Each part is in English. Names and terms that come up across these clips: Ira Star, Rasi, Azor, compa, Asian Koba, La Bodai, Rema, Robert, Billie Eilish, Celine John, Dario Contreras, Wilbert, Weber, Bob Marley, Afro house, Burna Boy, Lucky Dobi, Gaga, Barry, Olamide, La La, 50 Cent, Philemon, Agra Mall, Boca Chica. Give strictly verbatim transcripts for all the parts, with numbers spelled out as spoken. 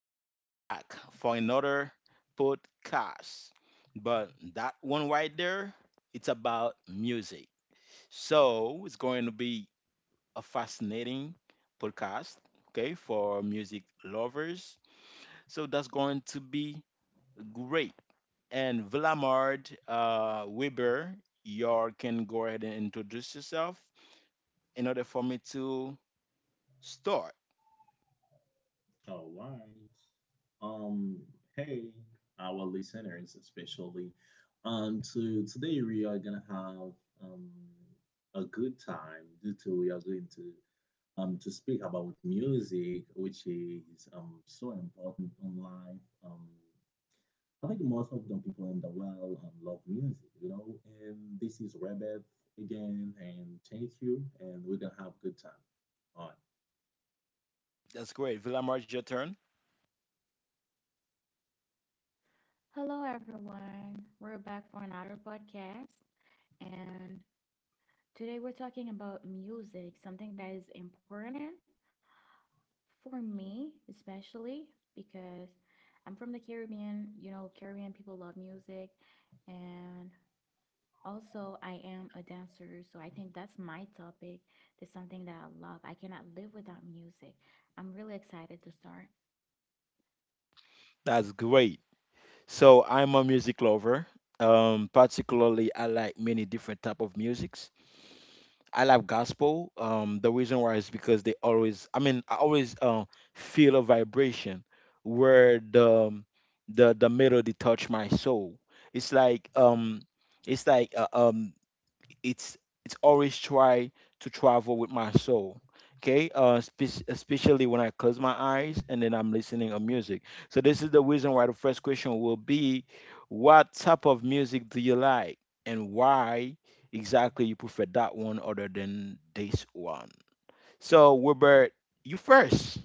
Uh, we back for another podcast, but that one right there, it's about music. So it's going to be a fascinating podcast, okay, for music lovers. So that's going to be great. And Villamard uh, Weber, you can go ahead and introduce yourself in order for me to start. All right. Um, Hey, our listeners, especially. Um, so today we are gonna have um a good time due to we are going to um to speak about music, which is um so important in life. Um, I think most of the people in the world um, love music, you know. And this is Rebeth again, and thank you, and we're gonna have good time. All right. That's great. Villamard, your turn. Hello, everyone. We're back for another podcast. And today we're talking about music, something that is important for me, especially because I'm from the Caribbean. You know, Caribbean people love music. And also, I am a dancer. So I think that's my topic. It's something that I love. I cannot live without music. I'm really excited to start. That's great. So I'm a music lover. Um, particularly, I like many different type of musics. I love gospel. Um, the reason why is because they always, I mean, I always uh, feel a vibration where the um, the the melody touch my soul. It's like um, it's like uh, um, it's it's always try to travel with my soul, okay. Uh spe- especially when I close my eyes and then I'm listening on music. So this is the reason why the first question will be: what type of music do you like, and why exactly you prefer that one other than this one? So Wilbert, you first.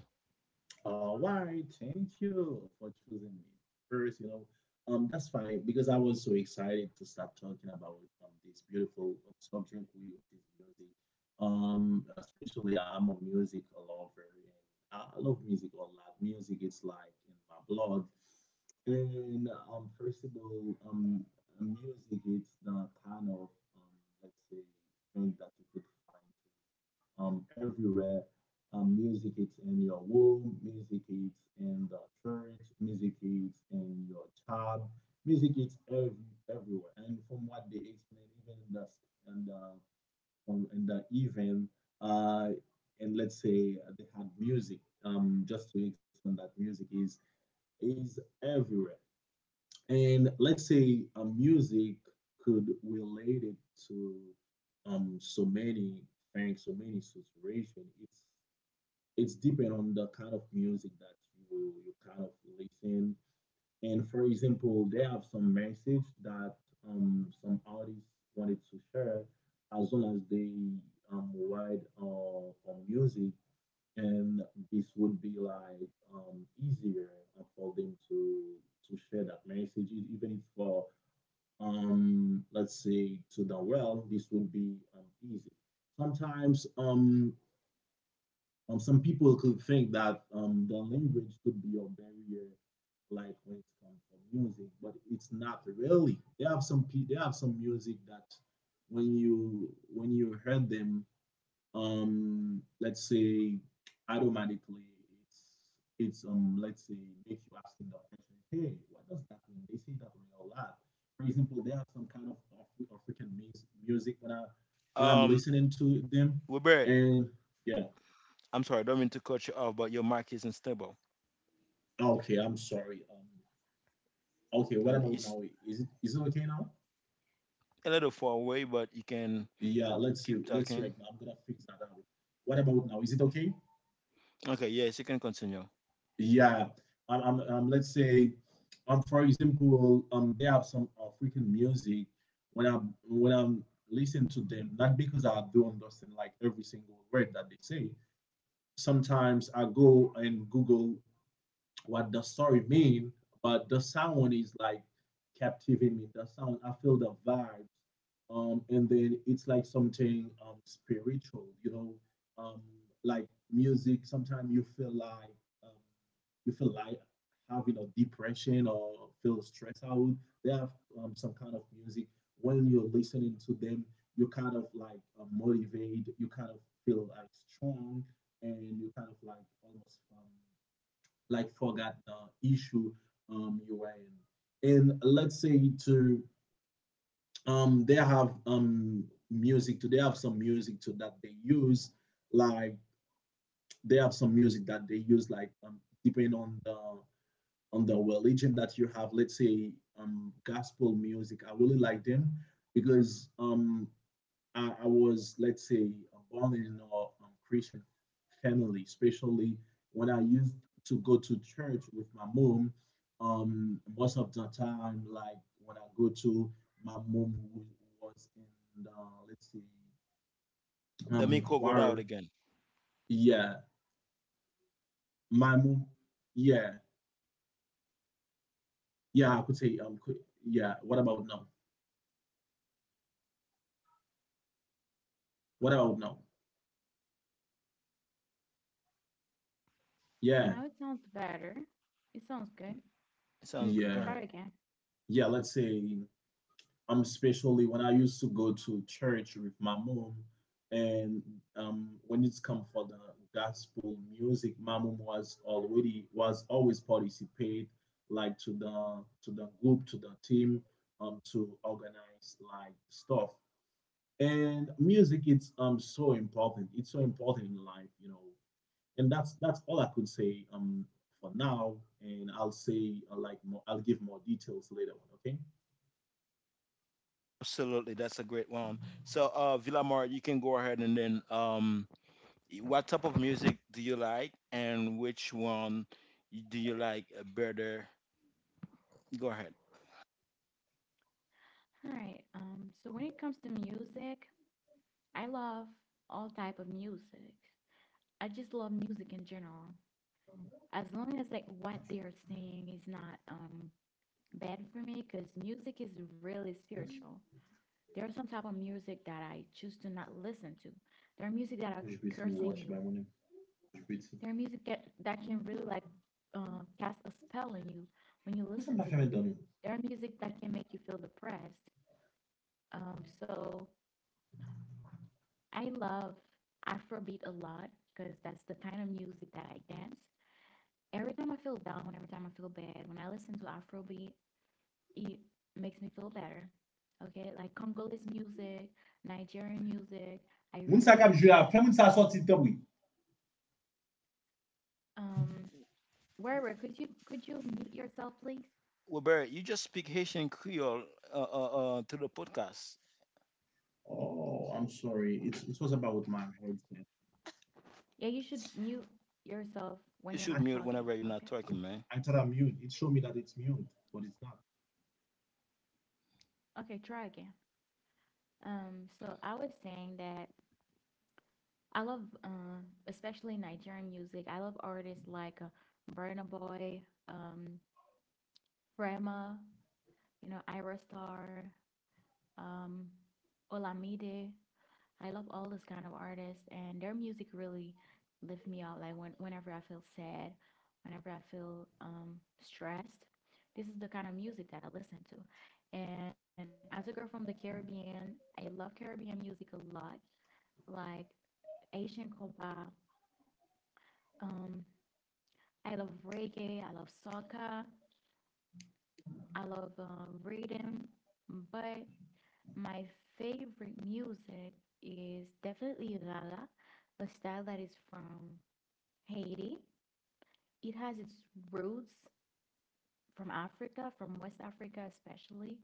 All right, thank you for choosing me. First, you know, um, that's fine because I was so excited to start talking about um, this beautiful um, subject, whi- which is music. Um, especially I'm a music lover, and I I love music a lot. Music is like in my blood. And um, first of all, um, music, it's the kind of um, let's say thing that you could find um, everywhere. Um, music is in your womb, music is in the church, music is in your job, music is every, everywhere. And from what they explain, even in the in the, um, in the event, uh, and let's say they had music, um, just to explain that music is is everywhere. And let's say uh, music could relate it to um, so many things, so many situations. It's it's depend on the kind of music that you you kind of listen. And for example, they have some message that um, some artists wanted to share as long as they um, write uh, on music, and this would be like um, easier for them to to share that message, e- even if for um, let's say to the world, this would be um, easy. Sometimes um, um, some people could think that um, the language could be a barrier, like when it comes to music, but it's not really. They have some pe- they have some music that when you when you heard them, um, let's say automatically it's it's um let's say makes you asking the question, hey, what does that mean? They say that a lot. For example, they have some kind of Afri- African mus- music when I when I'm um listening to them, Wilbert, and yeah. I'm sorry, I don't mean to cut you off, but your mic isn't stable. Okay, I'm sorry. Um, okay, what And about it's now? Is it is it okay now? a little far away, but you can Yeah, let's see. keep Let's see talking. right now. I'm gonna fix that out. What about now? Is it okay? Okay, yes, you can continue. Yeah. Um, um, um let's say, um, for example, um, they have some African music. When I'm when I'm listening to them, not because I do understand like every single word that they say. Sometimes I go and Google what the story mean, but the sound is like captivating me. The sound, I feel the vibe. Um, and then it's like something um, spiritual, you know, um, like music. Sometimes you feel like um, you feel like having a depression or feel stressed out. They have um, some kind of music. When you're listening to them, you kind of like uh, motivate. You kind of feel like strong, and you kind of like almost um, like forgot the issue um, you were in. And let's say to um, they have um, music too. They have some music too that they use. Like they have some music that they use. Like um, depending on the on the religion that you have. Let's say um, gospel music. I really like them because um, I, I was, let's say, born in a um, Christian family, especially when I used to go to church with my mom. Um, most of the time, like when I go to my mom who was in the, let's see, The um, Miko go out choir. again. Yeah, my mom. Yeah, yeah, I could say um, qu- yeah. What about now? What about now? Yeah, Now it sounds better. It sounds good. Sounds good. Go yeah, Try ahead. again. yeah. Let's say um especially when I used to go to church with my mom, and um when it's come for the gospel music, my mom was already was always participate, like to the to the group, to the team, um to organize like stuff. And music, it's um so important. It's so important in life, you know. And that's that's all I could say um for now, and I'll say uh, like more, I'll give more details later on, okay. Absolutely, that's a great one. So, uh, Villamar, you can go ahead and then, um, what type of music do you like, and which one y- do you like better? Go ahead. All right. Um, so when it comes to music, I love all type of music. I just love music in general. As long as like what they are saying is not um bad for me, because music is really Yes. spiritual. There are some type of music that I choose to not listen to. There are music that Je are vais essayer de vous cursing watcher you. by mon Mwen There are music that, that can really like uh, cast a spell on you when you sa listen mba to fè men them. dan nou? There are music that can make you feel depressed. Um, so I love Afrobeat a lot because that's the kind of music that I dance. Every time I feel down, every time I feel bad, when I listen to Afrobeat, it makes me feel better. Okay, like Congolese music, Nigerian music. I Moun sa really kap jwe ap, fè moun sa soti tan wè. um Werber, could you could you mute yourself, please? Well, Barry, you just speak Haitian Creole uh, uh, uh, to the podcast. Oh, I'm sorry. It's, it was about my headset. Yeah, you should mute yourself when You you're should I, not mute talking. whenever you're not Okay. talking, man. I thought I'm mute. It showed me that it's mute, but it's not. Okay, try again. Um, so I was saying that I love, uh, especially Nigerian music. I love artists like uh, Burna Boy, um, Rema, you know, Ira Star, um, Olamide. I love all those kind of artists, and their music really lift me up. Like when, whenever I feel sad, whenever I feel um, stressed, this is the kind of music that I listen to. And as a girl from the Caribbean, I love Caribbean music a lot, like Asian Koba, um, I love reggae, I love soccer, I love um, reading, but my favorite music is definitely Gaga, a style that is from Haiti. It has its roots from Africa, from West Africa especially,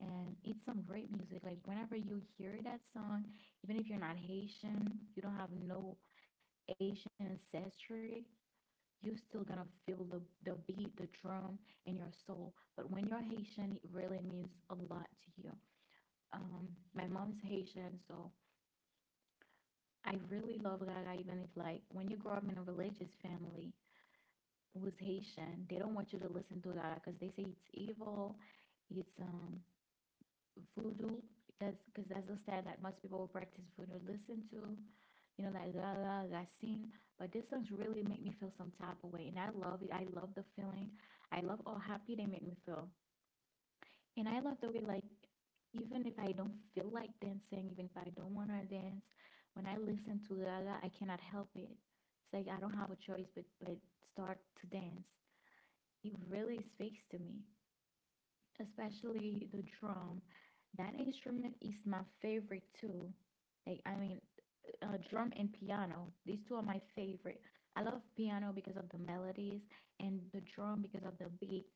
and it's some great music. Like whenever you hear that song, even if you're not Haitian, you don't have no Asian ancestry, you're still gonna feel the, the beat, the drum in your soul. But when you're Haitian, it really means a lot to you. Um, my mom is Haitian, so I really love Gaga, even if like when you grow up in a religious family who's Haitian, they don't want you to listen to Gaga because they say it's evil, it's um voodoo. That's because that's the style that most people who practice voodoo listen to. You know, like la la la sing. But these songs really make me feel some type of way, and I love it. I love the feeling. I love how happy they make me feel, and I love the way like even if I don't feel like dancing, even if I don't wanna dance, when I listen to La La, I cannot help it. It's like I don't have a choice but but start to dance. It really speaks to me, especially the drum. That instrument is my favorite too. Like, I mean, uh, drum and piano. These two are my favorite. I love piano because of the melodies and the drum because of the beat.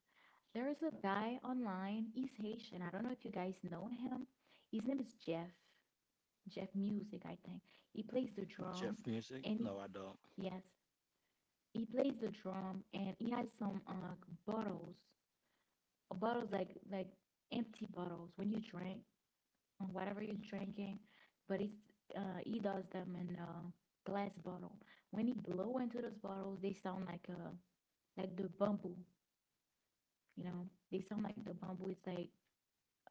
There is a guy online. He's Haitian. I don't know if you guys know him. His name is Jeff. Jeff Music, I think. He plays the Jeff drum Music? and No, he, I don't. yes, he plays the drum and he has some uh bottles, bottles like like empty bottles when you drink on whatever you're drinking, but it's uh, he does them in a glass bottle. When he blow into those bottles, they sound like a like the bamboo, you know. They sound like the bamboo. It's like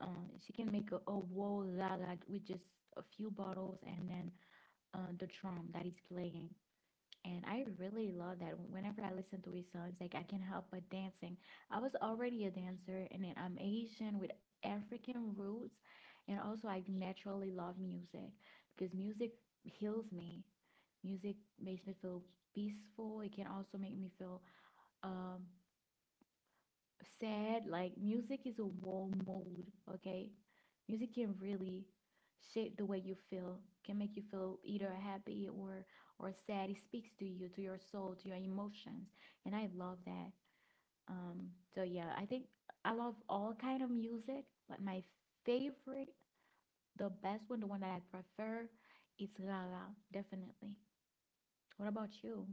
uh, she can make a, a whoa la with just a few bottles and then uh, the drum that he's playing. And I really love that. Whenever I listen to his songs, like I can help but dancing. I was already a dancer, and then I'm Asian with African roots, and also I naturally love music because music heals me. Music makes me feel peaceful. It can also make me feel um sad. Like music is a warm mood, okay? Music can really shape the way you feel, can make you feel either happy or or sad. It speaks to you, to your soul, to your emotions, and I love that. Um so yeah, I think I love all kind of music, but my favorite, the best one, the one that I prefer is Gaga. Definitely. What about you?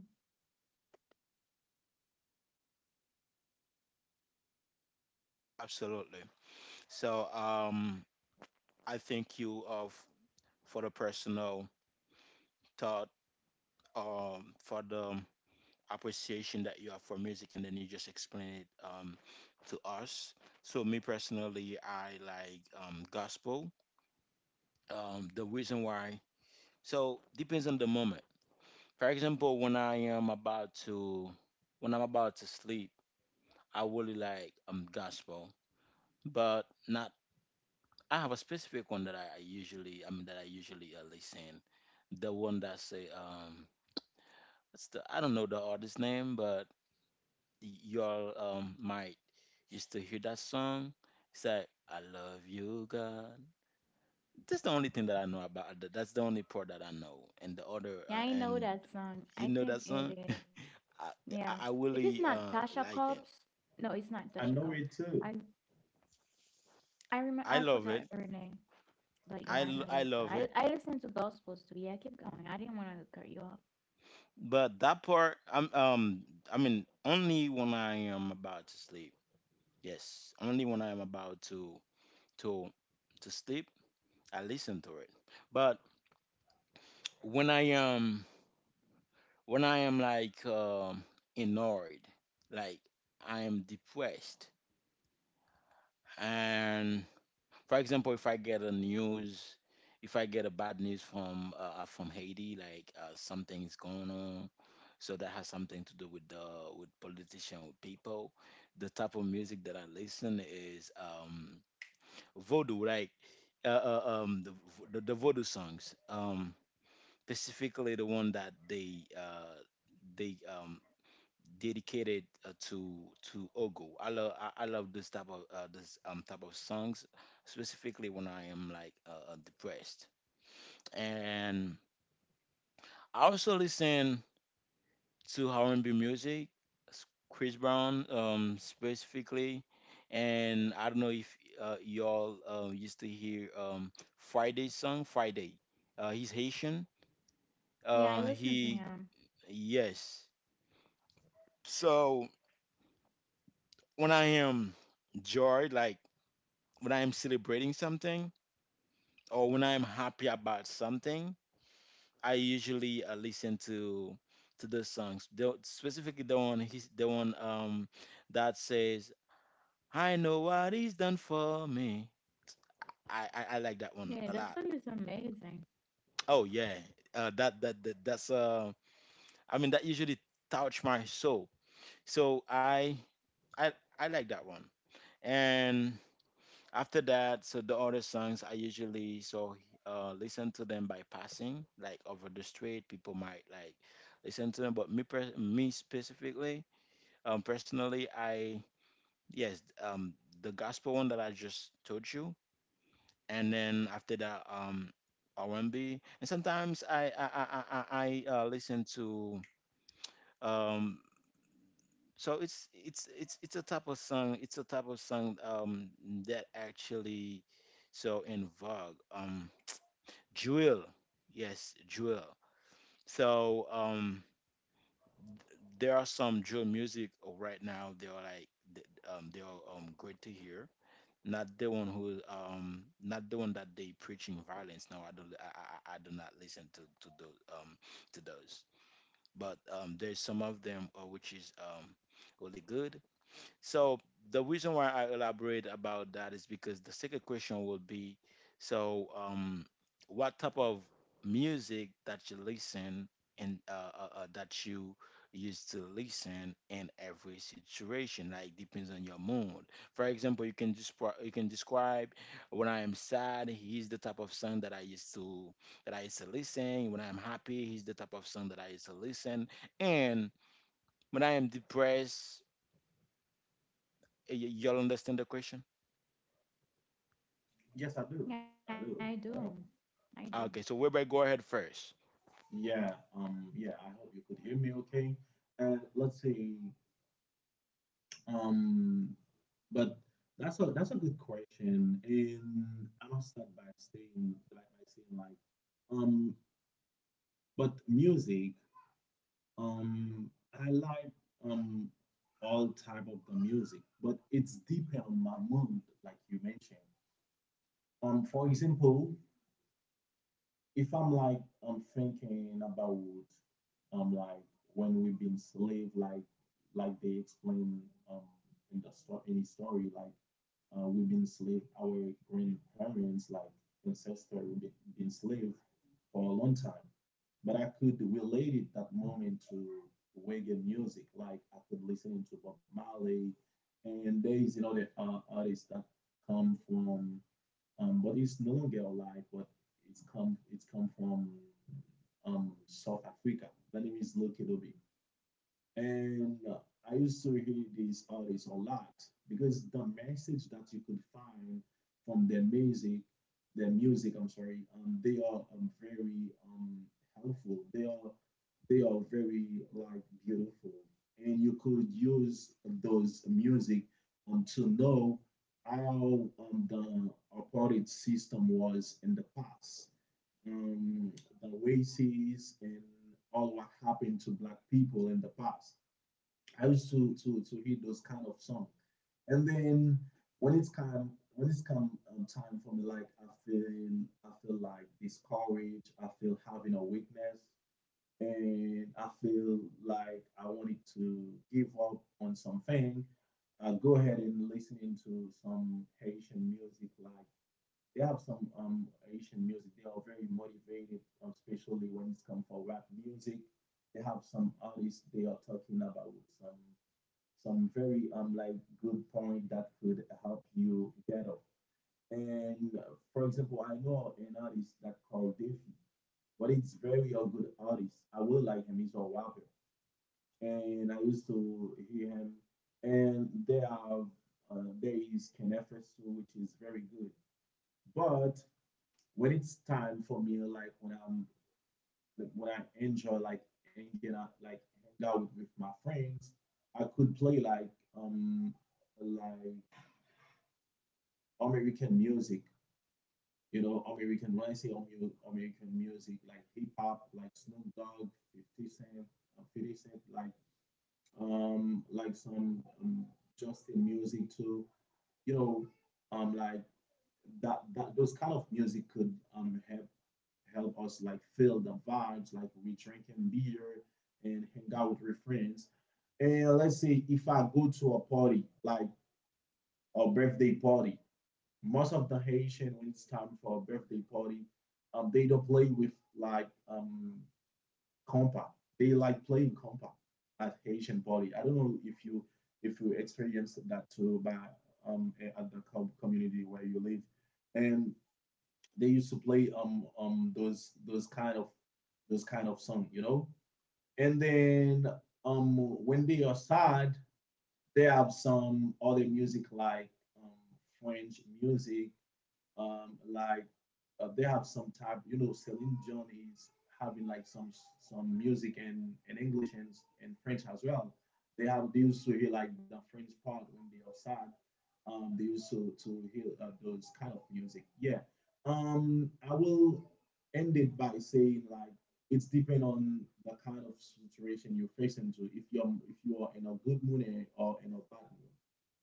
Absolutely. So, um, I thank you of for the personal thought, um, for the um, appreciation that you have for music and then you just explain it um, to us. So me personally, I like um, gospel. Um, the reason why, so depends on the moment. For example, when I am about to when I'm about to sleep, I really like um gospel, but not. I have a specific one that I, I usually I mean that I usually uh, listen. The one that say um, it's the I don't know the artist name, but y'all um might used to hear that song. It's like, I love you, God. That's the only thing that I know about. that- That's the only part that I know. And the other, Yeah, uh, I know and that song, you I know that think it song? is. I, Yeah. I I If it's really not uh, Tasha like Cobbs, it. no, it's not Tasha I know Cobbs. it I too. I remember I I love forgot it. her name, but yeah, I, I l- know I that's love I it. I listen to gospels too. Yeah, keep going. I didn't want to cut you off. But that part, I'm, um, I mean, only when I am about to sleep. Yes, only when I am about to to to sleep, I listen to it. But when I am when I am like um, annoyed, like I am depressed, and for example, if I get a news, if I get a bad news from uh, uh, from Haiti, like uh, something's going on, so that has something to do with the with politician, with people. The type of music that I listen is um, voodoo, like uh, uh, um, the, vo- the the voodoo songs, um, specifically the one that they uh, they um, dedicated uh, to to Ogo. I love I, I love this type of uh, this um type of songs, specifically when I am like uh, uh, depressed. And I also listen to R and B music, s- Chris Brown um specifically, and I don't know if uh, y'all uh, used to hear um Friday's song Friday. Uh, he's Haitian. Yeah, I Uh, listen to he him. Yes. So when I am joy, like when I'm celebrating something or when I'm happy about something, I usually uh, listen to to those songs. The, specifically the one he's the one um that says I know what he's done for me. I, I, I like that one Yeah, a that lot. song is amazing. Oh yeah, uh, that, that that that's uh I mean that usually touch my soul. So I I I like that one. And after that, so the other songs I usually so uh listen to them by passing, like over the street. People might like listen to them, but me per me specifically, um personally, I, yes, um the gospel one that I just told you, and then after that, um R and B, and B, and sometimes I I I I, I uh, listen to um. So it's it's it's it's a type of song. It's a type of song um that actually so in vogue. Um, Jewel, yes, Jewel. So um, there are some Jewel music right now. They are like th- um, they are um great to hear. Not the one who um not the one that they preaching violence. No, I don't. I, I, I I do not listen to to those um to those. But um, there's some of them, uh, which is um really good. So the reason why I elaborate about that is because the second question will be, so um, what type of music that you listen and uh, uh, uh, that you used to listen in every situation, like depends on your mood. For example, you can describe you can describe when I am sad, he's the type of song that I used to that I used to listen. When I am happy, he's the type of song that I used to listen. And when I am depressed, y- y'all understand the question? Yes, I do. Yeah, I do. I do. But I- I do. Okay, so Wilbert, go ahead first. yeah, um, yeah. I hope you could hear me okay. And let's see. Um, but that's a that's a good question, and I'll start by saying like by saying like, um, but music, um, I like um all type of the music, but it's depend on my mood, like you mentioned. Um, for example, if I'm like I'm thinking about um like when we've been slave, like like they explain um in the story in the story, like uh, we've been slave, our grandparents, like ancestors, we've been, been slave for a long time. But I could relate it that moment to reggae music. Like I could listen to Bob Marley, and there is another uh, artist that come from, um, but it's no longer alive, but it's come it's come from um, South Africa. The name is Lucky Dobi. And uh, I used to hear these artists a lot because the message that you could find from their music, their music, I'm sorry, um, they are um, very um, helpful. They are they are very like beautiful, and you could use those music um, to know how um, the apartheid system was in the past, um, the races, and all what happened to black people in the past I used to to to read those kind of songs. And then when it's come when it's come um, time for me, like I feel I feel like discouraged. I feel having a weakness, and I feel like I wanted to give up on something. I go ahead and listen to some Haitian music. Like they have some um Haitian music. They are very motivated, um, especially when it's come for rap music. They have some artists. They are talking about some some very um like good point that could help you get up. And uh, for example, I know an artist that called Daffy, but it's very a good artist. I really like him. He's a rapper, and I used to hear him. And there are uh, there is Kenefesu, which is very good. But when it's time for me, like when I'm like, when I enjoy like hanging out, like hang out with my friends, I could play like um like American music, you know, American, when I say American music, like hip hop, like Snoop Dogg, fifty Cent, uh, fifty Cent, like, um, like some um, Justin music too, you know, um, like that, that, those kind of music could um, help, help us like feel the vibes, like we drinking beer and hang out with our friends. And let's say if I go to a party, like a birthday party, most of the Haitian when it's time for a birthday party, um, they don't play with like um compa. They like playing compa at Haitian party. I don't know if you if you experienced that too, but um at the com- community where you live, and they used to play um um those those kind of those kind of song, you know. And then um when they are sad, they have some other music like um, French music um like uh, they have some type, you know, Celine John is having like some some music in in English and and French as well. They have they used to hear like the French part when they are sad. Um, they used to to hear uh, those kind of music. Yeah. Um, I will end it by saying like it's depend on the kind of situation you face into. If you're if you are in a good mood or in a bad mood,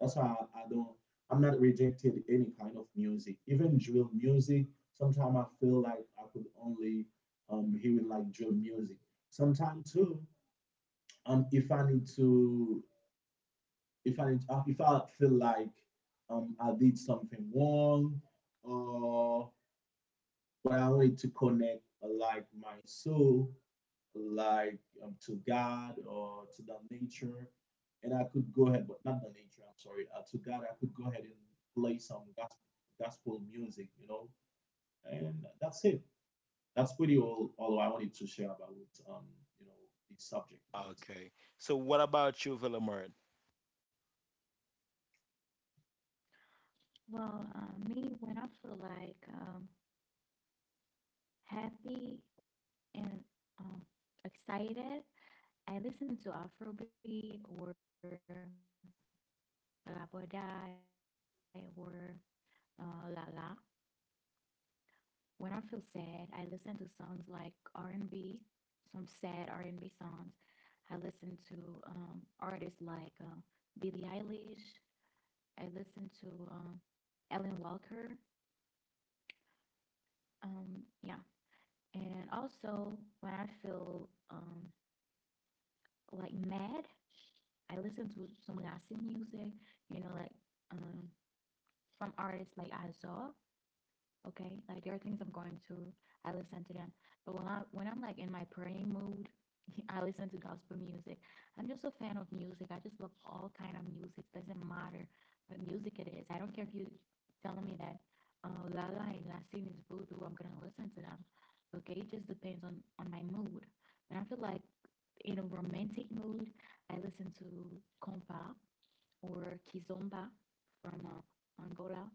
that's why I, I don't I'm not rejecting any kind of music, even drill music. Sometimes I feel like I could only um hear like drill music. Sometimes too, um, if I need to, if I need, uh, if I feel like um I did something wrong, or but I wanted to connect uh, like my soul like um, to God or to the nature, and I could go ahead, but not the nature. I'm sorry, uh, to God, I could go ahead and play some gospel, gospel music, you know, and that's it. That's pretty all. All I wanted to share about um, you know, the subject music. Okay. So what about you, Philemon? Well, uh, me when I feel like um happy and um excited, I listen to Afrobeat or La Bodai or uh, La La. When I feel sad, I listen to songs like R and B, some sad R and B songs. I listen to um, artists like um, Billie Eilish. I listen to um, Ellen Walker. Um, yeah. And also, when I feel um, like mad, I listen to some Latin music, you know, like um, from artists like Azor. Okay, like there are things I'm going to, I listen to them. But when i when i'm like in my praying mood, I listen to gospel music. I'm just a fan of music. I just love all kind of music, doesn't matter what music it is. I don't care if you telling me that uh, Lala and Lassine is voodoo, I'm gonna listen to them. Okay, it just depends on on my mood. When I feel like in a romantic mood, I listen to compa or kizomba from uh, Angola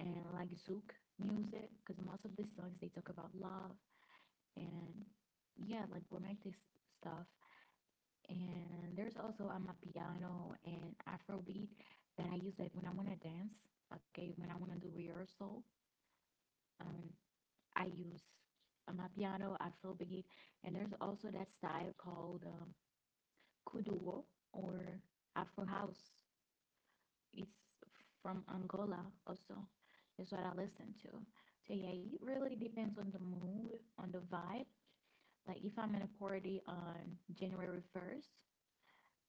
and like Zouk music because most of the songs they talk about love and yeah, like romantic stuff. And there's also I a piano and Afrobeat that I use like when I want to dance. Okay, when I want to do rehearsal, um, I use I a piano, Afrobeat, and there's also that style called um, kuduo or Afro house. It's from Angola also. Is what I listen to. So yeah, it really depends on the mood, on the vibe. Like if I'm in a party on January first,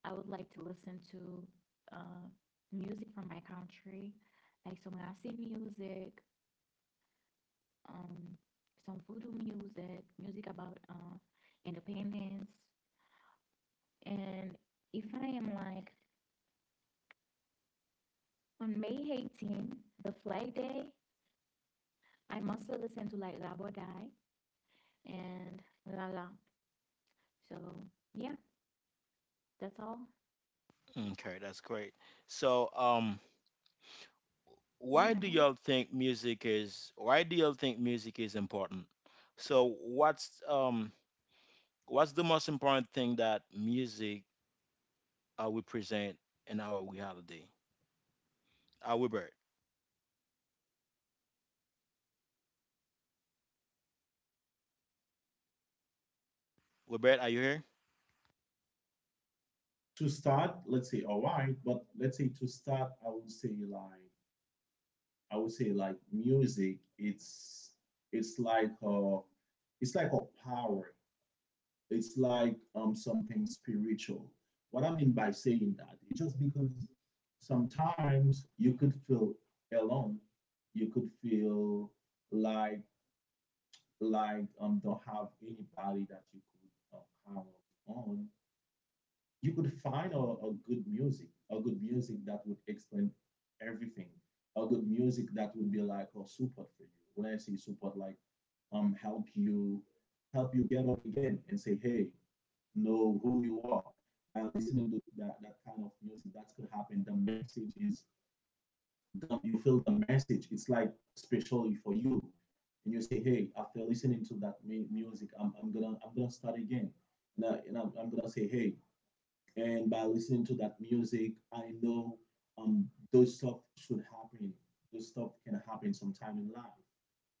I would like to listen to uh, music from my country, like some Rasi music, um, some voodoo music, music about uh, independence. And if I am like on May eighteen, the Flag Day, I mostly listen to like Labo Die and La La. So yeah, that's all. Okay, that's great. So um why do Damn. y'all think music is why do y'all think music is important? So what's um what's the most important thing that music uh, will present in our reality? Uh Wilbert. Wilbert, are you here? To start, let's say all right, but let's say to start, I would say like I would say like music. It's it's like a it's like a power. It's like um, something spiritual. What I mean by saying that, it's just because sometimes you could feel alone. You could feel like like um don't have anybody that you could um, count on. You could find a, a good music, a good music that would explain everything, a good music that would be like a support for you. When I say support, like um help you help you get up again and say, hey, know who you are. By listening to that, that kind of music, that could happen. The message is done. You feel the message. It's like especially for you. And you say, hey, after listening to that mu- music, I'm, I'm gonna I'm gonna start again. And, I, and I'm, I'm gonna say, hey, and by listening to that music, I know um those stuff should happen. Those stuff can happen sometime in life.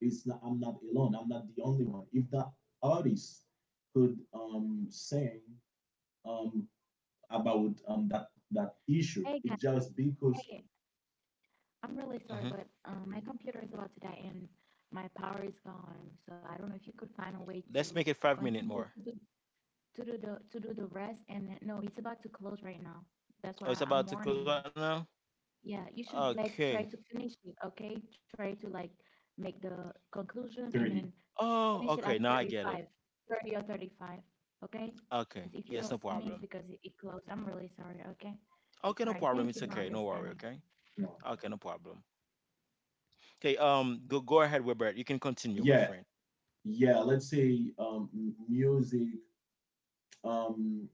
It's not I'm not alone. I'm not the only one. If that artist could um sing um about um that that issue. Hey It guys, just because hey, I'm really sorry, Hmm. but um, my computer is about to die and my power is gone. So I don't know if you could find a way Let's to make it five minutes continue more. to do to do the to do the rest. And then no, it's about to close right now. That's Oh, it's why I'm about to close warning right you. now? Yeah, you should like Okay. try to finish it, okay? Try to like make the conclusion and then thirty. Oh, finish it okay, at now I get it. thirty-five, thirty or thirty-five, okay? Okay. Because if you Yes, no don't see me, it's problem. because it, it closed. I'm really sorry, okay? Okay, All no right, problem. thank It's you for No, okay. No worry. understanding. Okay. no. Okay, no problem. Okay. Um, go go ahead, Robert. You can continue, my Yeah, friend. yeah. Let's say um m- music. Um,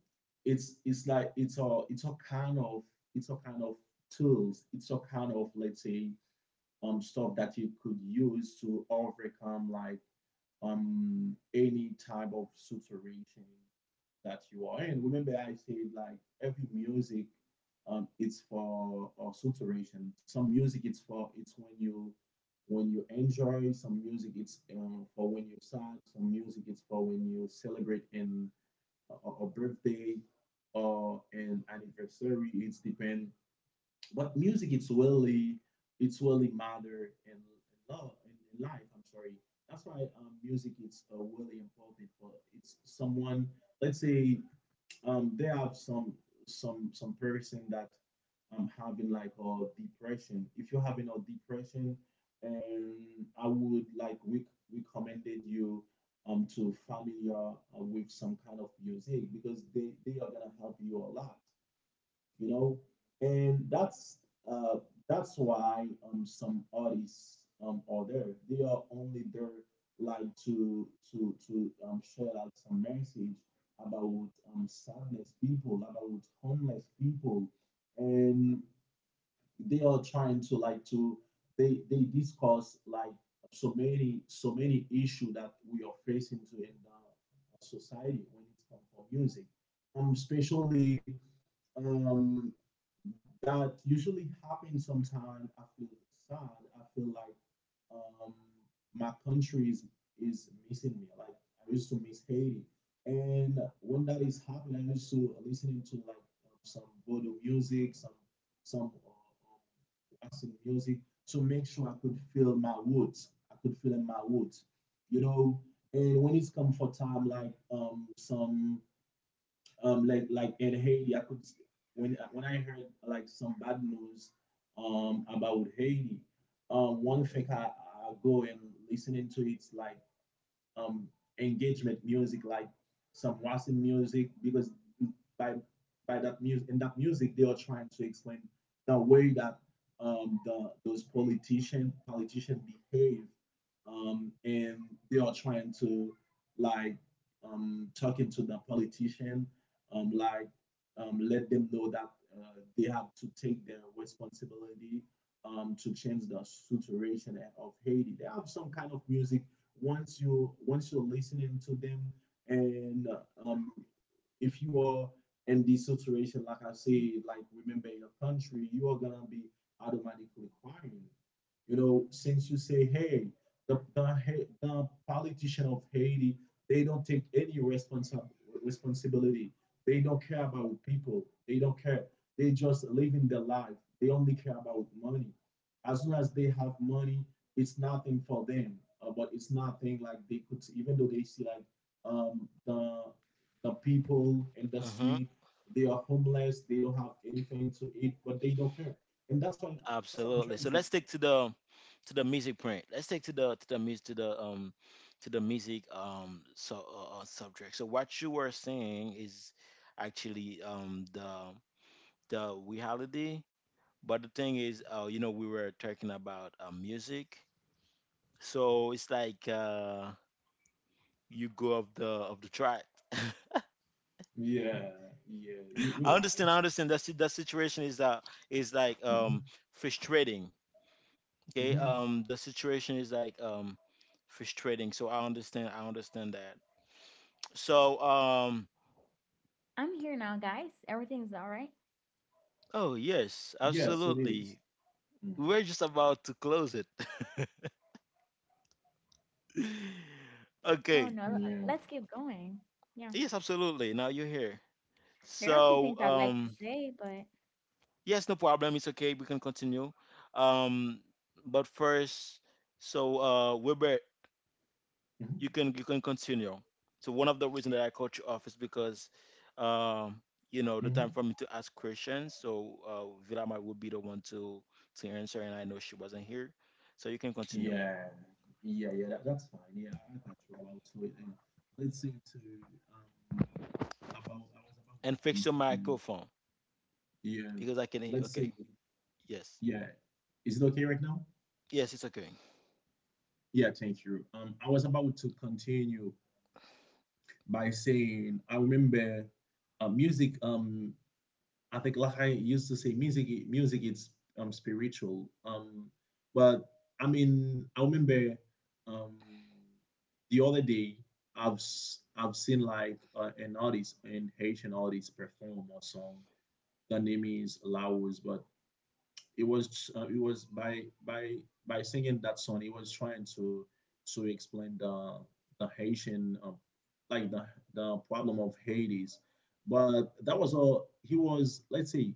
it's it's like it's a it's a kind of it's a kind of tools. It's a kind of, let's say, um stuff that you could use to overcome like um any type of situation that you are in. Remember, I said like every music, um, it's for uh, saturation. Some music, it's for it's when you when you enjoy. Some music, it's uh, for when you're sad. Some music, it's for when you celebrate in a, a birthday or an anniversary. It's depend. But music, it's really it's really matter in, in love in, in life. I'm sorry. That's why um, music is uh, really important for it's someone. Let's say um there have some some some person that um having like a depression. If you're having a depression, and I would like we recommended you um to familiar uh, with some kind of music, because they they are gonna help you a lot, you know. And that's uh that's why um some artists um are there, they are only there like to to to um share out some message about um sadness people, about homeless people, and they are trying to like to they they discuss like so many so many issue that we are facing to in the society, when it comes for music, um especially, um, that usually happens. Sometimes I feel sad. I feel like um, my country is, is missing me. Like I used to miss Haiti. And when that is happening, I used to listening to like um, some voodoo music, some some uh, um, Western music to make sure I could feel my roots. I could feel my roots, you know. And when it's come for time, like um, some um like like in Haiti, I could when when I heard like some bad news um about Haiti, um one thing, I, I go and listening to it's like um, engagement music, like some Western music, because by by that music, in that music they are trying to explain the way that, um, the, those politician politician behave, um, and they are trying to like um, talking to the politician, um, like um, let them know that uh, they have to take their responsibility, um, to change the situation of Haiti. They have some kind of music. Once you once you're listening to them, and uh, um if you are in this situation, like I say, like remember your country, you are gonna be automatically crying you know, since you say, hey, the, the, the politician of Haiti, they don't take any responsi- responsibility. They don't care about people. They don't care. They just living their life. They only care about money. As soon as they have money, it's nothing for them. Uh, but it's nothing like they could, even though they see like um, the the people in the Mm-hmm. street, they are homeless. They don't have anything to eat, but they don't care. And that's why that's what I'm Absolutely. trying So to let's stick explain. to the to the music print. Let's stick to the to the music to the um to the music um so uh, uh, subject. So what you were saying is actually um the the reality. But the thing is, uh, you know, we were talking about uh, music, so it's like uh, you go of the of the track. Yeah, yeah, you, you're I right. understand. I understand that si- that situation is uh is like Hmm. um frustrating. Okay. Hmm. Um, the situation is like um frustrating. So I understand. I understand that. So, um, I'm here now, guys. Everything's all right. oh yes, Yes, it is. absolutely. Mhm. We were just about to close it. Oh, Okay. no, Yeah. let's keep going. Yeah, Yes, absolutely. Now you're here. there are a few So, things I'd like to um, say, but yes, no problem. It's okay. We can continue. Um, but first, so uh, Wilbur, Hmm. you can you can continue. So one of the reasons that I cut you off is because, um, you know, the time Hmm. for me to ask questions. So uh, Vilama would be the one to to answer, and I know she wasn't here, so you can continue Yeah, yeah, yeah, that, that's fine. Yeah, I got you about to it. And let's say to um about I was about to and fix your continue. microphone Yeah, because I can. hear- let's say, Okay, yes, yeah. Is it okay right now? yes, it's okay. Yeah, thank you. Um, I was about to continue by saying I remember uh, music, um I think, like I used to say, music music is um spiritual. Um, but I mean, I remember um the other day I've s- I've seen like uh, an artist, an Haitian artist perform a song. The name is Laos, but it was uh, it was by by by singing that song, he was trying to to explain the the Haitian, uh, like the the problem of Hades. But that was all. He was, let's say,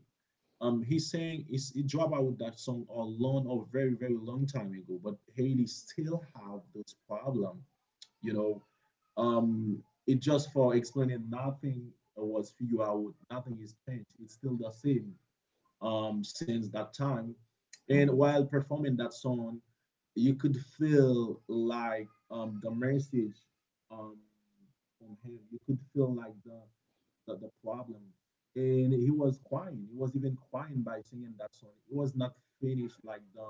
um, he's saying it's, he dropped out with that song a long, or very, very long time ago, but Haiti still have this problem. You know, um, it just for explaining, nothing was figured out. Nothing is changed. It's still the same um, since that time. And while performing that song, you could feel like um, the message um, from him. You could feel like the the, the problem. And he was crying. He was even crying by singing that song. He was not finished like the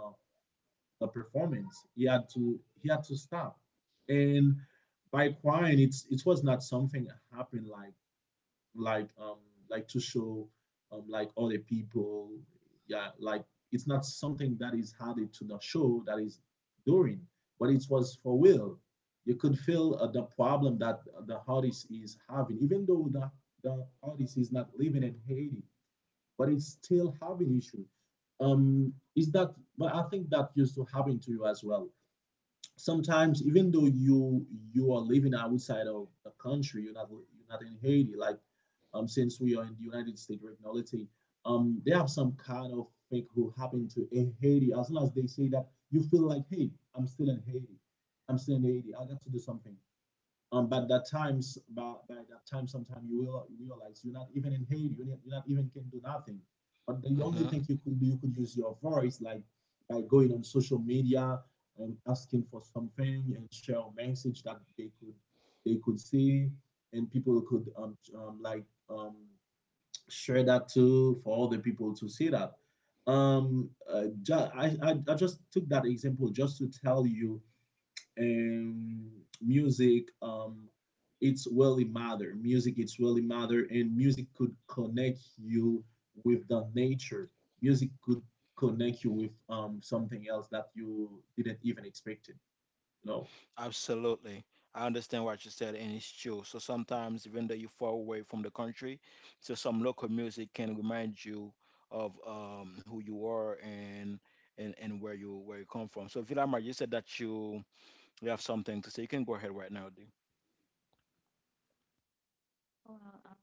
the performance. He had to he had to stop. And by crying, it's it was not something that happened like like um like to show um like other people, yeah, like it's not something that is added to the show that is doing, but it was for will. You could feel uh, the problem that uh, the artist is having, even though the, the artist is not living in Haiti, but it's still having issue. um is that, but I think that used to happen to you as well sometimes, even though you, you are living outside of the country, you're not you're not in Haiti. Like, um since we are in the United States right now, let's say, um they have some kind of thing who happened to Haiti. As long as they say that, you feel like, hey, i'm still in haiti I'm still in Haiti, I got to do something. um, but that times, by, by that time, sometimes you will realize you're not even in Haiti. You're not, you're not even can do nothing. But the only Hmm. thing you could do, you could use your voice, like by going on social media and asking for something and share a message that they could, they could see, and people could um, um like um share that too for all the people to see that. Um, uh, ju- I, I I just took that example just to tell you, and music, um it's really matter. Music, it's really matter, and music could connect you with the nature. Music could connect you with um something else that you didn't even expect it you know Absolutely. I understand what you said, and it's true. So sometimes, even though you're far away from the country, so some local music can remind you of um, who you are, and and and where you where you come from. So Villamar, you said that you you have something to say. You can go ahead right now, dude. well, um,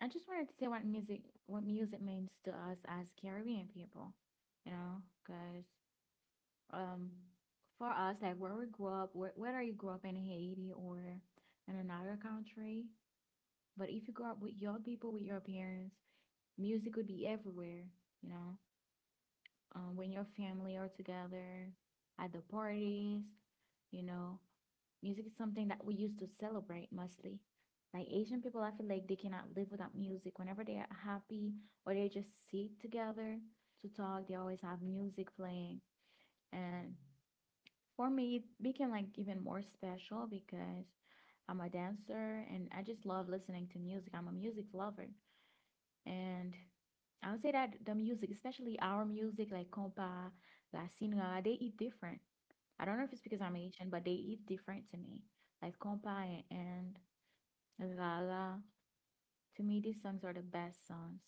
I just wanted to say what music, what music means to us as Caribbean people, you know, because um, for us, like where we grew up, wh- whether you grew up in Haiti or in another country, but if you grow up with your people, with your parents, music would be everywhere, you know, um, when your family are together, at the parties, you know, music is something that we used to celebrate mostly. Like Asian people, I feel like they cannot live without music. Whenever they are happy or they just sit together to talk, they always have music playing. And for me, it became like even more special because I'm a dancer and I just love listening to music. I'm a music lover. And I would say that the music, especially our music like compa, latino, they eat different. I don't know if it's because I'm Haitian, but they eat different to me. Like compa and Rara. To me, these songs are the best songs,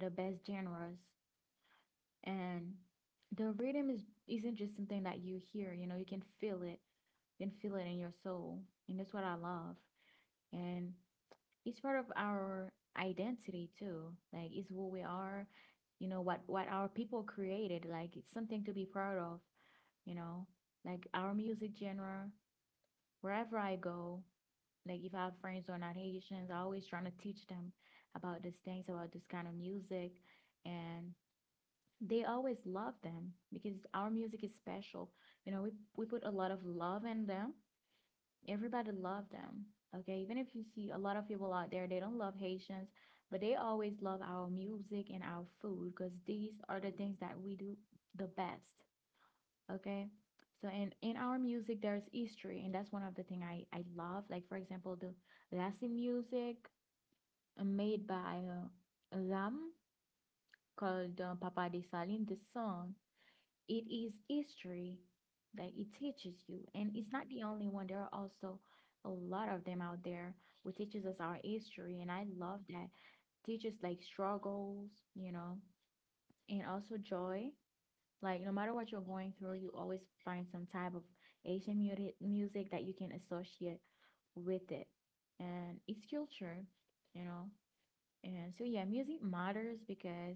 the best genres. And the rhythm is isn't just something that you hear, you know, you can feel it. You can feel it in your soul. And that's what I love. And it's part of our identity too. Like it's who we are, you know, what what our people created. Like it's something to be proud of, you know. Like our music genre, wherever I go, like if I have friends who are not Haitians, I always trying to teach them about these things, about this kind of music. And they always love them because our music is special. You know, we, we put a lot of love in them, everybody love them, okay, even if you see a lot of people out there they don't love Haitians, but they always love our music and our food because these are the things that we do the best. Okay, so in in our music there's history and that's one of the thing i i love. Like for example the Latin music, uh, made by uh, Ram, called uh, Papa De. This song, it is history that it teaches you, and it's not the only one. There are also a lot of them out there who teaches us our history, and I love that. Teaches like struggles, you know, and also joy. Like no matter what you're going through, you always find some type of asian mu- music that you can associate with it. And it's culture, you know. And so yeah, music matters because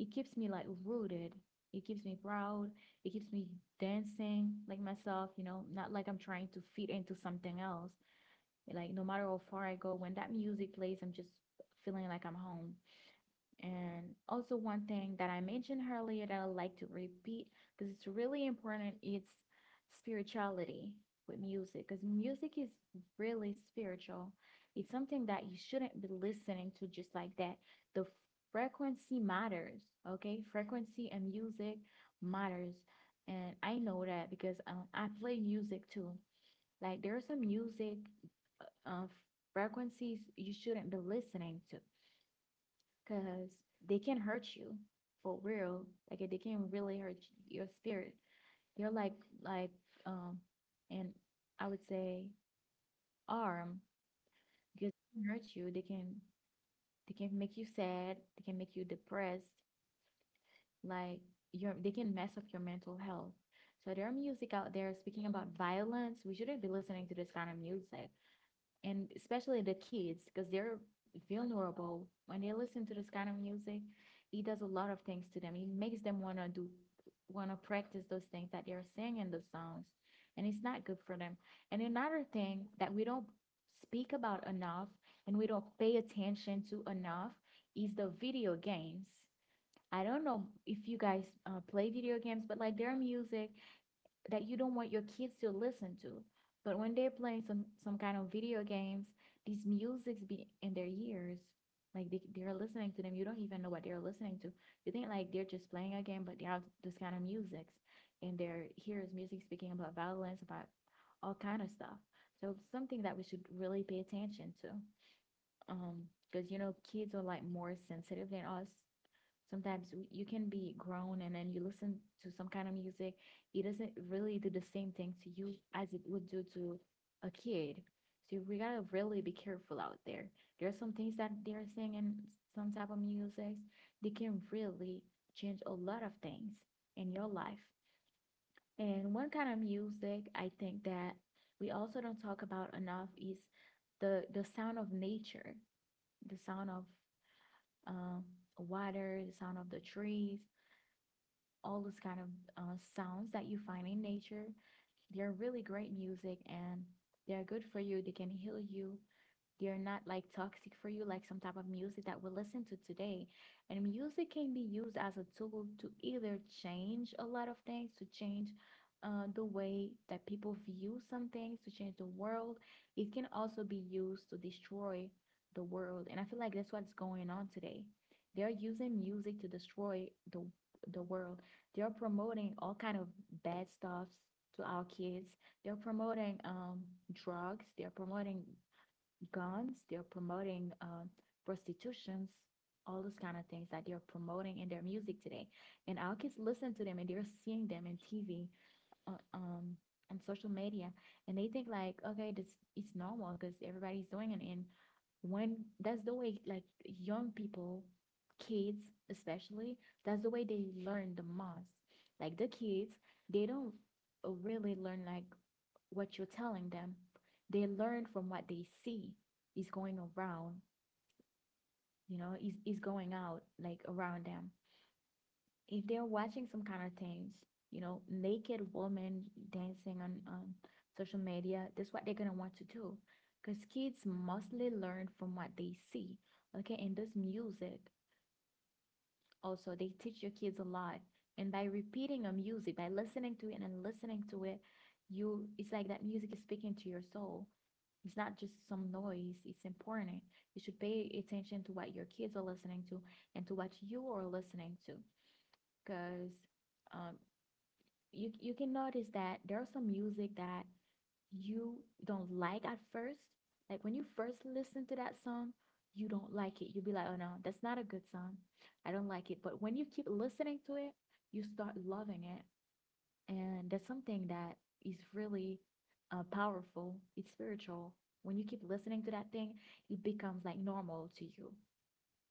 it keeps me like rooted. It keeps me proud. It keeps me dancing like myself, you know, not like I'm trying to fit into something else. Like no matter how far I go, when that music plays, I'm just feeling like I'm home. And also, one thing that I mentioned earlier that I like to repeat because it's really important, it's spirituality with music, because music is really spiritual. It's something that you shouldn't be listening to just like that. The frequency matters, okay? Frequency and music matters. And I know that because um, I play music too. Like, there's some music uh, uh, frequencies you shouldn't be listening to because they can hurt you for real. Like they can really hurt your spirit. You're like like um, and I would say arm, because they can hurt you. They can, they can make you sad. They can make you depressed. Like your, they can mess up your mental health. So there are music out there speaking about violence. We shouldn't be listening to this kind of music, and especially the kids because they're vulnerable. When they listen to this kind of music, it does a lot of things to them. It makes them want to do, want to practice those things that they're saying in the songs, and it's not good for them. And another thing that we don't speak about enough, and we don't pay attention to enough, is the video games. I don't know if you guys uh, play video games, but like their music that you don't want your kids to listen to. But when they're playing some some kind of video games, these musics be in their ears, like they they're listening to them. You don't even know what they're listening to. You think like they're just playing a game, but they have this kind of musics, and their ears music speaking about violence, about all kind of stuff. So it's something that we should really pay attention to, um, because you know kids are like more sensitive than us. Sometimes you can be grown and then you listen to some kind of music, it doesn't really do the same thing to you as it would do to a kid. So we gotta really be careful out there. There are some things that they're saying in some type of music, they can really change a lot of things in your life. And one kind of music I think that we also don't talk about enough is the the sound of nature, the sound of um, water, the sound of the trees, all those kind of uh, sounds that you find in nature. They're really great music and they're good for you. They can heal you. They're not like toxic for you, like some type of music that we listen to today. And music can be used as a tool to either change a lot of things, to change uh, the way that people view some things, to change the world. It can also be used to destroy the world. And I feel like that's what's going on today. They're using music to destroy the the world. They're promoting all kind of bad stuffs to our kids. They're promoting um drugs. They're promoting guns. They're promoting um prostitutions. All those kind of things that they're promoting in their music today, and our kids listen to them and they're seeing them in T V, on um, on social media, and they think like, okay, this it's normal because everybody's doing it. And when that's the way like young people, kids especially, that's the way they learn the most. Like the kids, they don't uh, really learn like what you're telling them, they learn from what they see is going around, you know, is, is going out like around them. If they're watching some kind of things, you know, naked women dancing on, on social media, that's what they're gonna want to do. Because kids mostly learn from what they see. Okay, and this music also they teach your kids a lot. And by repeating a music, by listening to it and listening to it, you, it's like that music is speaking to your soul. It's not just some noise, it's important. You should pay attention to what your kids are listening to and to what you are listening to. Because um, you, you can notice that there are some music that you don't like at first. Like when you first listen to that song, you don't like it. You'll be like, "Oh no, that's not a good song. I don't like it." But when you keep listening to it, you start loving it, and that's something that is really uh, powerful. It's spiritual. When you keep listening to that thing, it becomes like normal to you.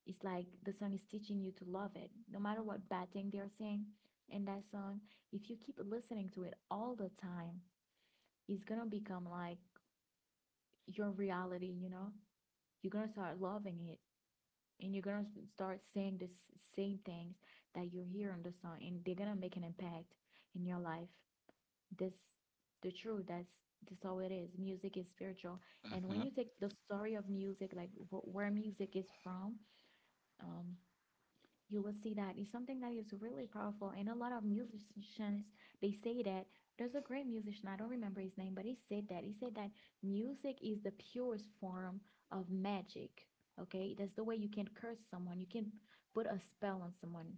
It's like the song is teaching you to love it, no matter what bad thing they are saying in that song. If you keep listening to it all the time, it's gonna become like your reality, you know? You're gonna start loving it, and you're gonna start saying the same things that you hear on the song, and they're gonna make an impact in your life. This the truth, that's that's all it is. Music is spiritual. And Hmm. when you take the story of music, like wh- where music is from, um, you will see that it's something that is really powerful. And a lot of musicians, they say that there's a great musician, I don't remember his name, but he said that. He said that music is the purest form of magic. Okay, that's the way you can curse someone, you can put a spell on someone.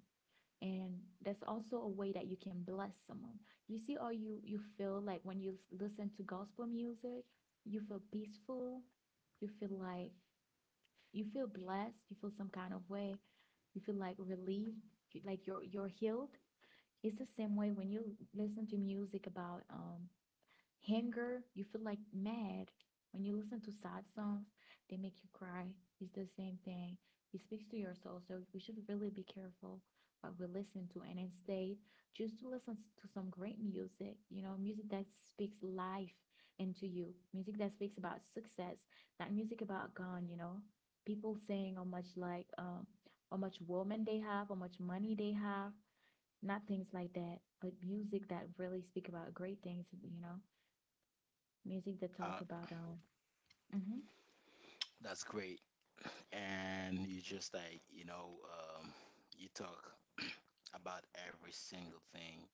And that's also a way that you can bless someone. You see, or you you feel like when you listen to gospel music, you feel peaceful, you feel like you feel blessed, you feel some kind of way, you feel like relieved, like you're you're healed. It's the same way when you listen to music about um anger, you feel like mad. When you listen to sad songs, they make you cry. It's the same thing. It speaks to your soul, so we should really be careful what we listen to, and instead choose to listen to some great music, you know, music that speaks life into you, music that speaks about success, not music about gun, you know. People saying how much like um how much woman they have, how much money they have, not things like that, but music that really speak about great things, you know, music that talk Uh, about um hmm. that's great. And you just like you know um, you talk about every single thing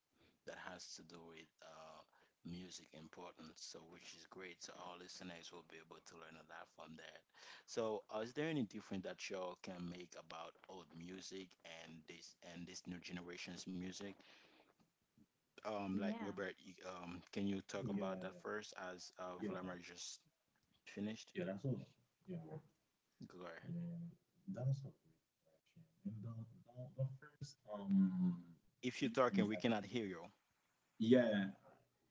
that has to do with uh, music importance, so which is great. So our listeners will be able to learn a lot from that. So, uh, is there any difference that y'all can make about old music and this and this new generation's music? Um, like Yeah. Webert, you, um, can you talk Oh, about Yeah, that first, as uh, okay. yeah, Vladimir just finished? yeah. That's all. Yeah, Go ahead. and that's a great question. And the, the, the first um If you're talking, difference. we I cannot think— hear you. Yeah.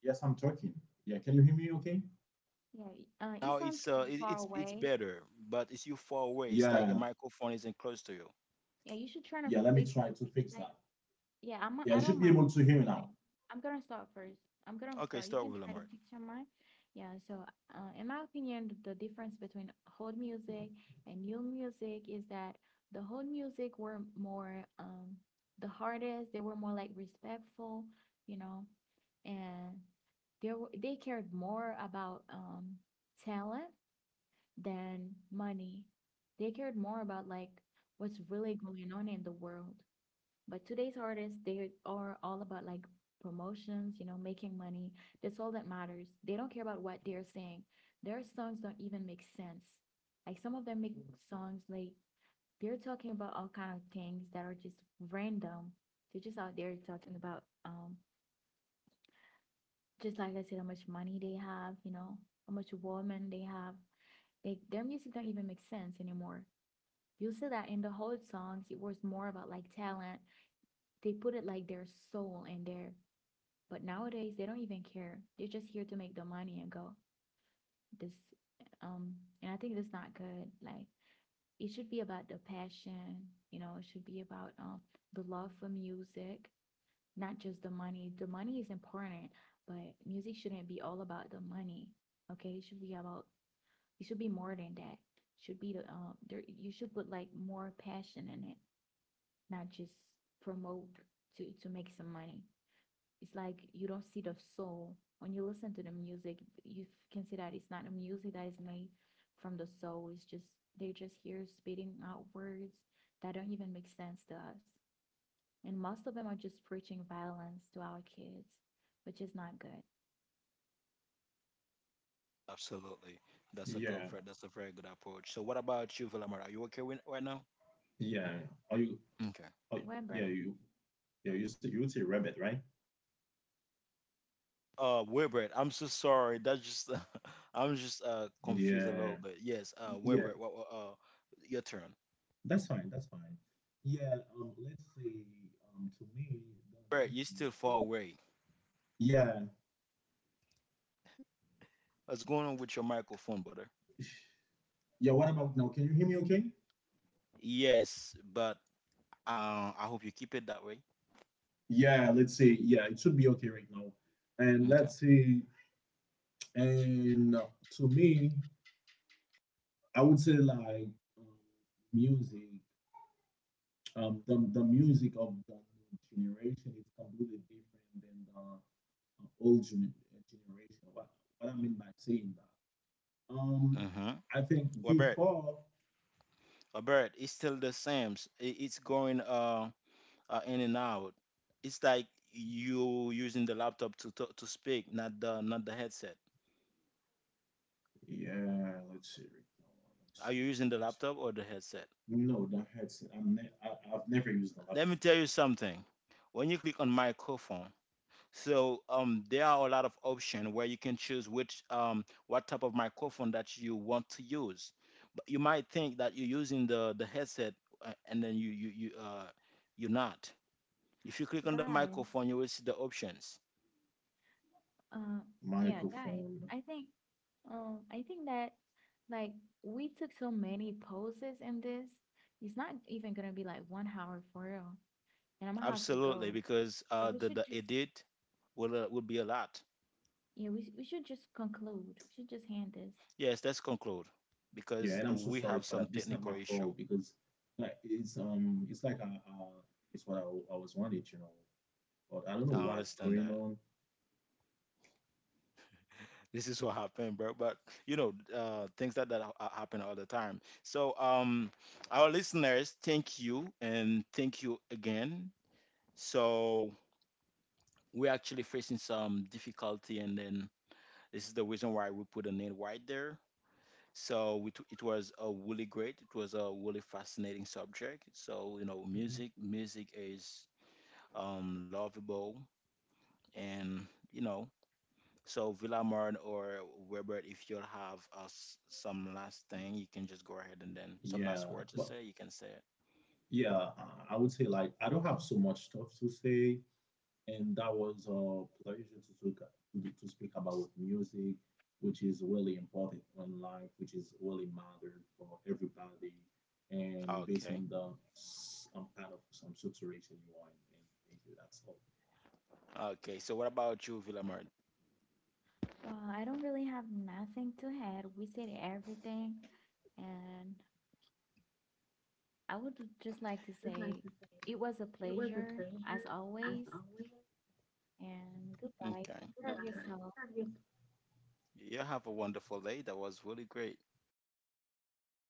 Yes, I'm talking. Yeah. Can you hear me? Okay. Yeah. Y- Uh, it Now sounds it's uh, kind of it, far it's it's away. better, but it's you far away. It's like your Yeah. microphone isn't close to you. Yeah, you should try to Yeah, let me fix, try to fix like, like that. Yeah, I'm. Yeah, I I don't should be mind able to hear you now. starting. I'm gonna start first. I'm gonna Okay, start. You start can with try to Lamar. picture mine. Yeah. So, uh, in my opinion, the difference between hold music and new music is that the hold music were more um the hardest. They were more like respectful, you know, and they were, they cared more about um talent than money. They cared more about like what's really going on in the world. But today's artists, they are all about like promotions, you know, making money. That's all that matters. They don't care about what they're saying. Their songs don't even make sense. Like some of them make songs like they're talking about all kind of things that are just random. They're just out there talking about um just like I said, how much money they have, you know, how much woman they have. They their music don't even make sense anymore. You'll see that in the whole songs, it was more about like talent. They put it like their soul in there. But nowadays they don't even care. They're just here to make the money and go. This um and I think that's not good. Like it should be about the passion, you know, it should be about um the love for music, not just the money. The money is important, but music shouldn't be all about the money. Okay? It should be about, it should be more than that. It should be the um there, you should put like more passion in it, not just promote to to make some money. It's like you don't see the soul when you listen to the music. You can see that it's not a music that is made from the soul. It's just they're just here spitting out words that don't even make sense to us, and most of them are just preaching violence to our kids, which is not good. Absolutely. That's a good Yeah, fr- That's a very good approach. So what about you, Lamar? Are you okay with, right now? yeah. Are you? Okay. Are, Weber, yeah, you. Yeah, you say you would say rabbit, right? Uh Wilbert, I'm so sorry. That's just I'm just uh confused a little Yeah, bit. Yes, uh yeah. Wilbert, what what- uh your turn. That's fine. That's fine. Yeah. Um. Let's say. Um. To me, the Wilbert, you're still difference far is. away. Yeah. What's going on with your microphone, brother? Yeah. What about now? Can you hear me? Okay. Yes, but uh I hope you keep it that way. Yeah. Let's say. Yeah. It should be okay right now. And Okay. let's see. And to me, I would say like um, music, um, the, the music of the new generation is completely different than the uh, old gen- generation. What, what I mean by saying that? Um, Mm-hmm. I think Wilbert, before, Wilbert, it's still the same. It, it's going uh uh, in and out. It's like you using the laptop to talk, to speak, not the not the headset. yeah, let's see, right. Are you using the laptop or the headset? No, the headset. I'm ne- I, I've never used a Let me laptop. tell you something. When you click on microphone, so um, there are a lot of options where you can choose which um, what type of microphone that you want to use. But you might think that you're using the the headset, uh, and then you you you uh, you're not. If you click on the guys, microphone, you will see the options. uh, yeah guys, Microphone. I think um I think that like we took so many poses in this, it's not even gonna be like one hour for real, and I'm gonna have to Absolutely, go. because So uh, we the should the just, edit will uh, will be a lot. yeah, we, we should just conclude. We should just hand this. Yes, let's conclude Yeah, because and uh, I'm so we sorry have for some that. This is not technical my issue. fault because like, it's um it's like a, a, it's what I, I was wanted, you know. But I don't know I what's understand going that on. this is what happened, bro. But you know, uh, things that that ha- ha- happen all the time. So, um, our listeners, thank you and thank you again. So we're actually facing some difficulty, and then this is the reason why we put a name right there. So we it was a really great, it was a really fascinating subject. So, you know, Mhm. music, music is um, lovable and, you know, so Villamard or Webert, if you'll have uh, s- some last thing, you can just go ahead and then some Yeah, last word to but say, you can say it. yeah, I I would say like I don't have so much stuff to say, and that was a pleasure to talk, to, to speak Yes. about music, which is really important in life, which is really mattered for everybody, and based Okay. on the some kind of some situation you are in. And thank you. That's all. Okay. So what about you, Villamard? Well, I don't really have nothing to add. We said everything, and I would just like to It was say nice it was a pleasure as always, and goodbye. Okay. Take care of yourself. You have a wonderful day. That was really great.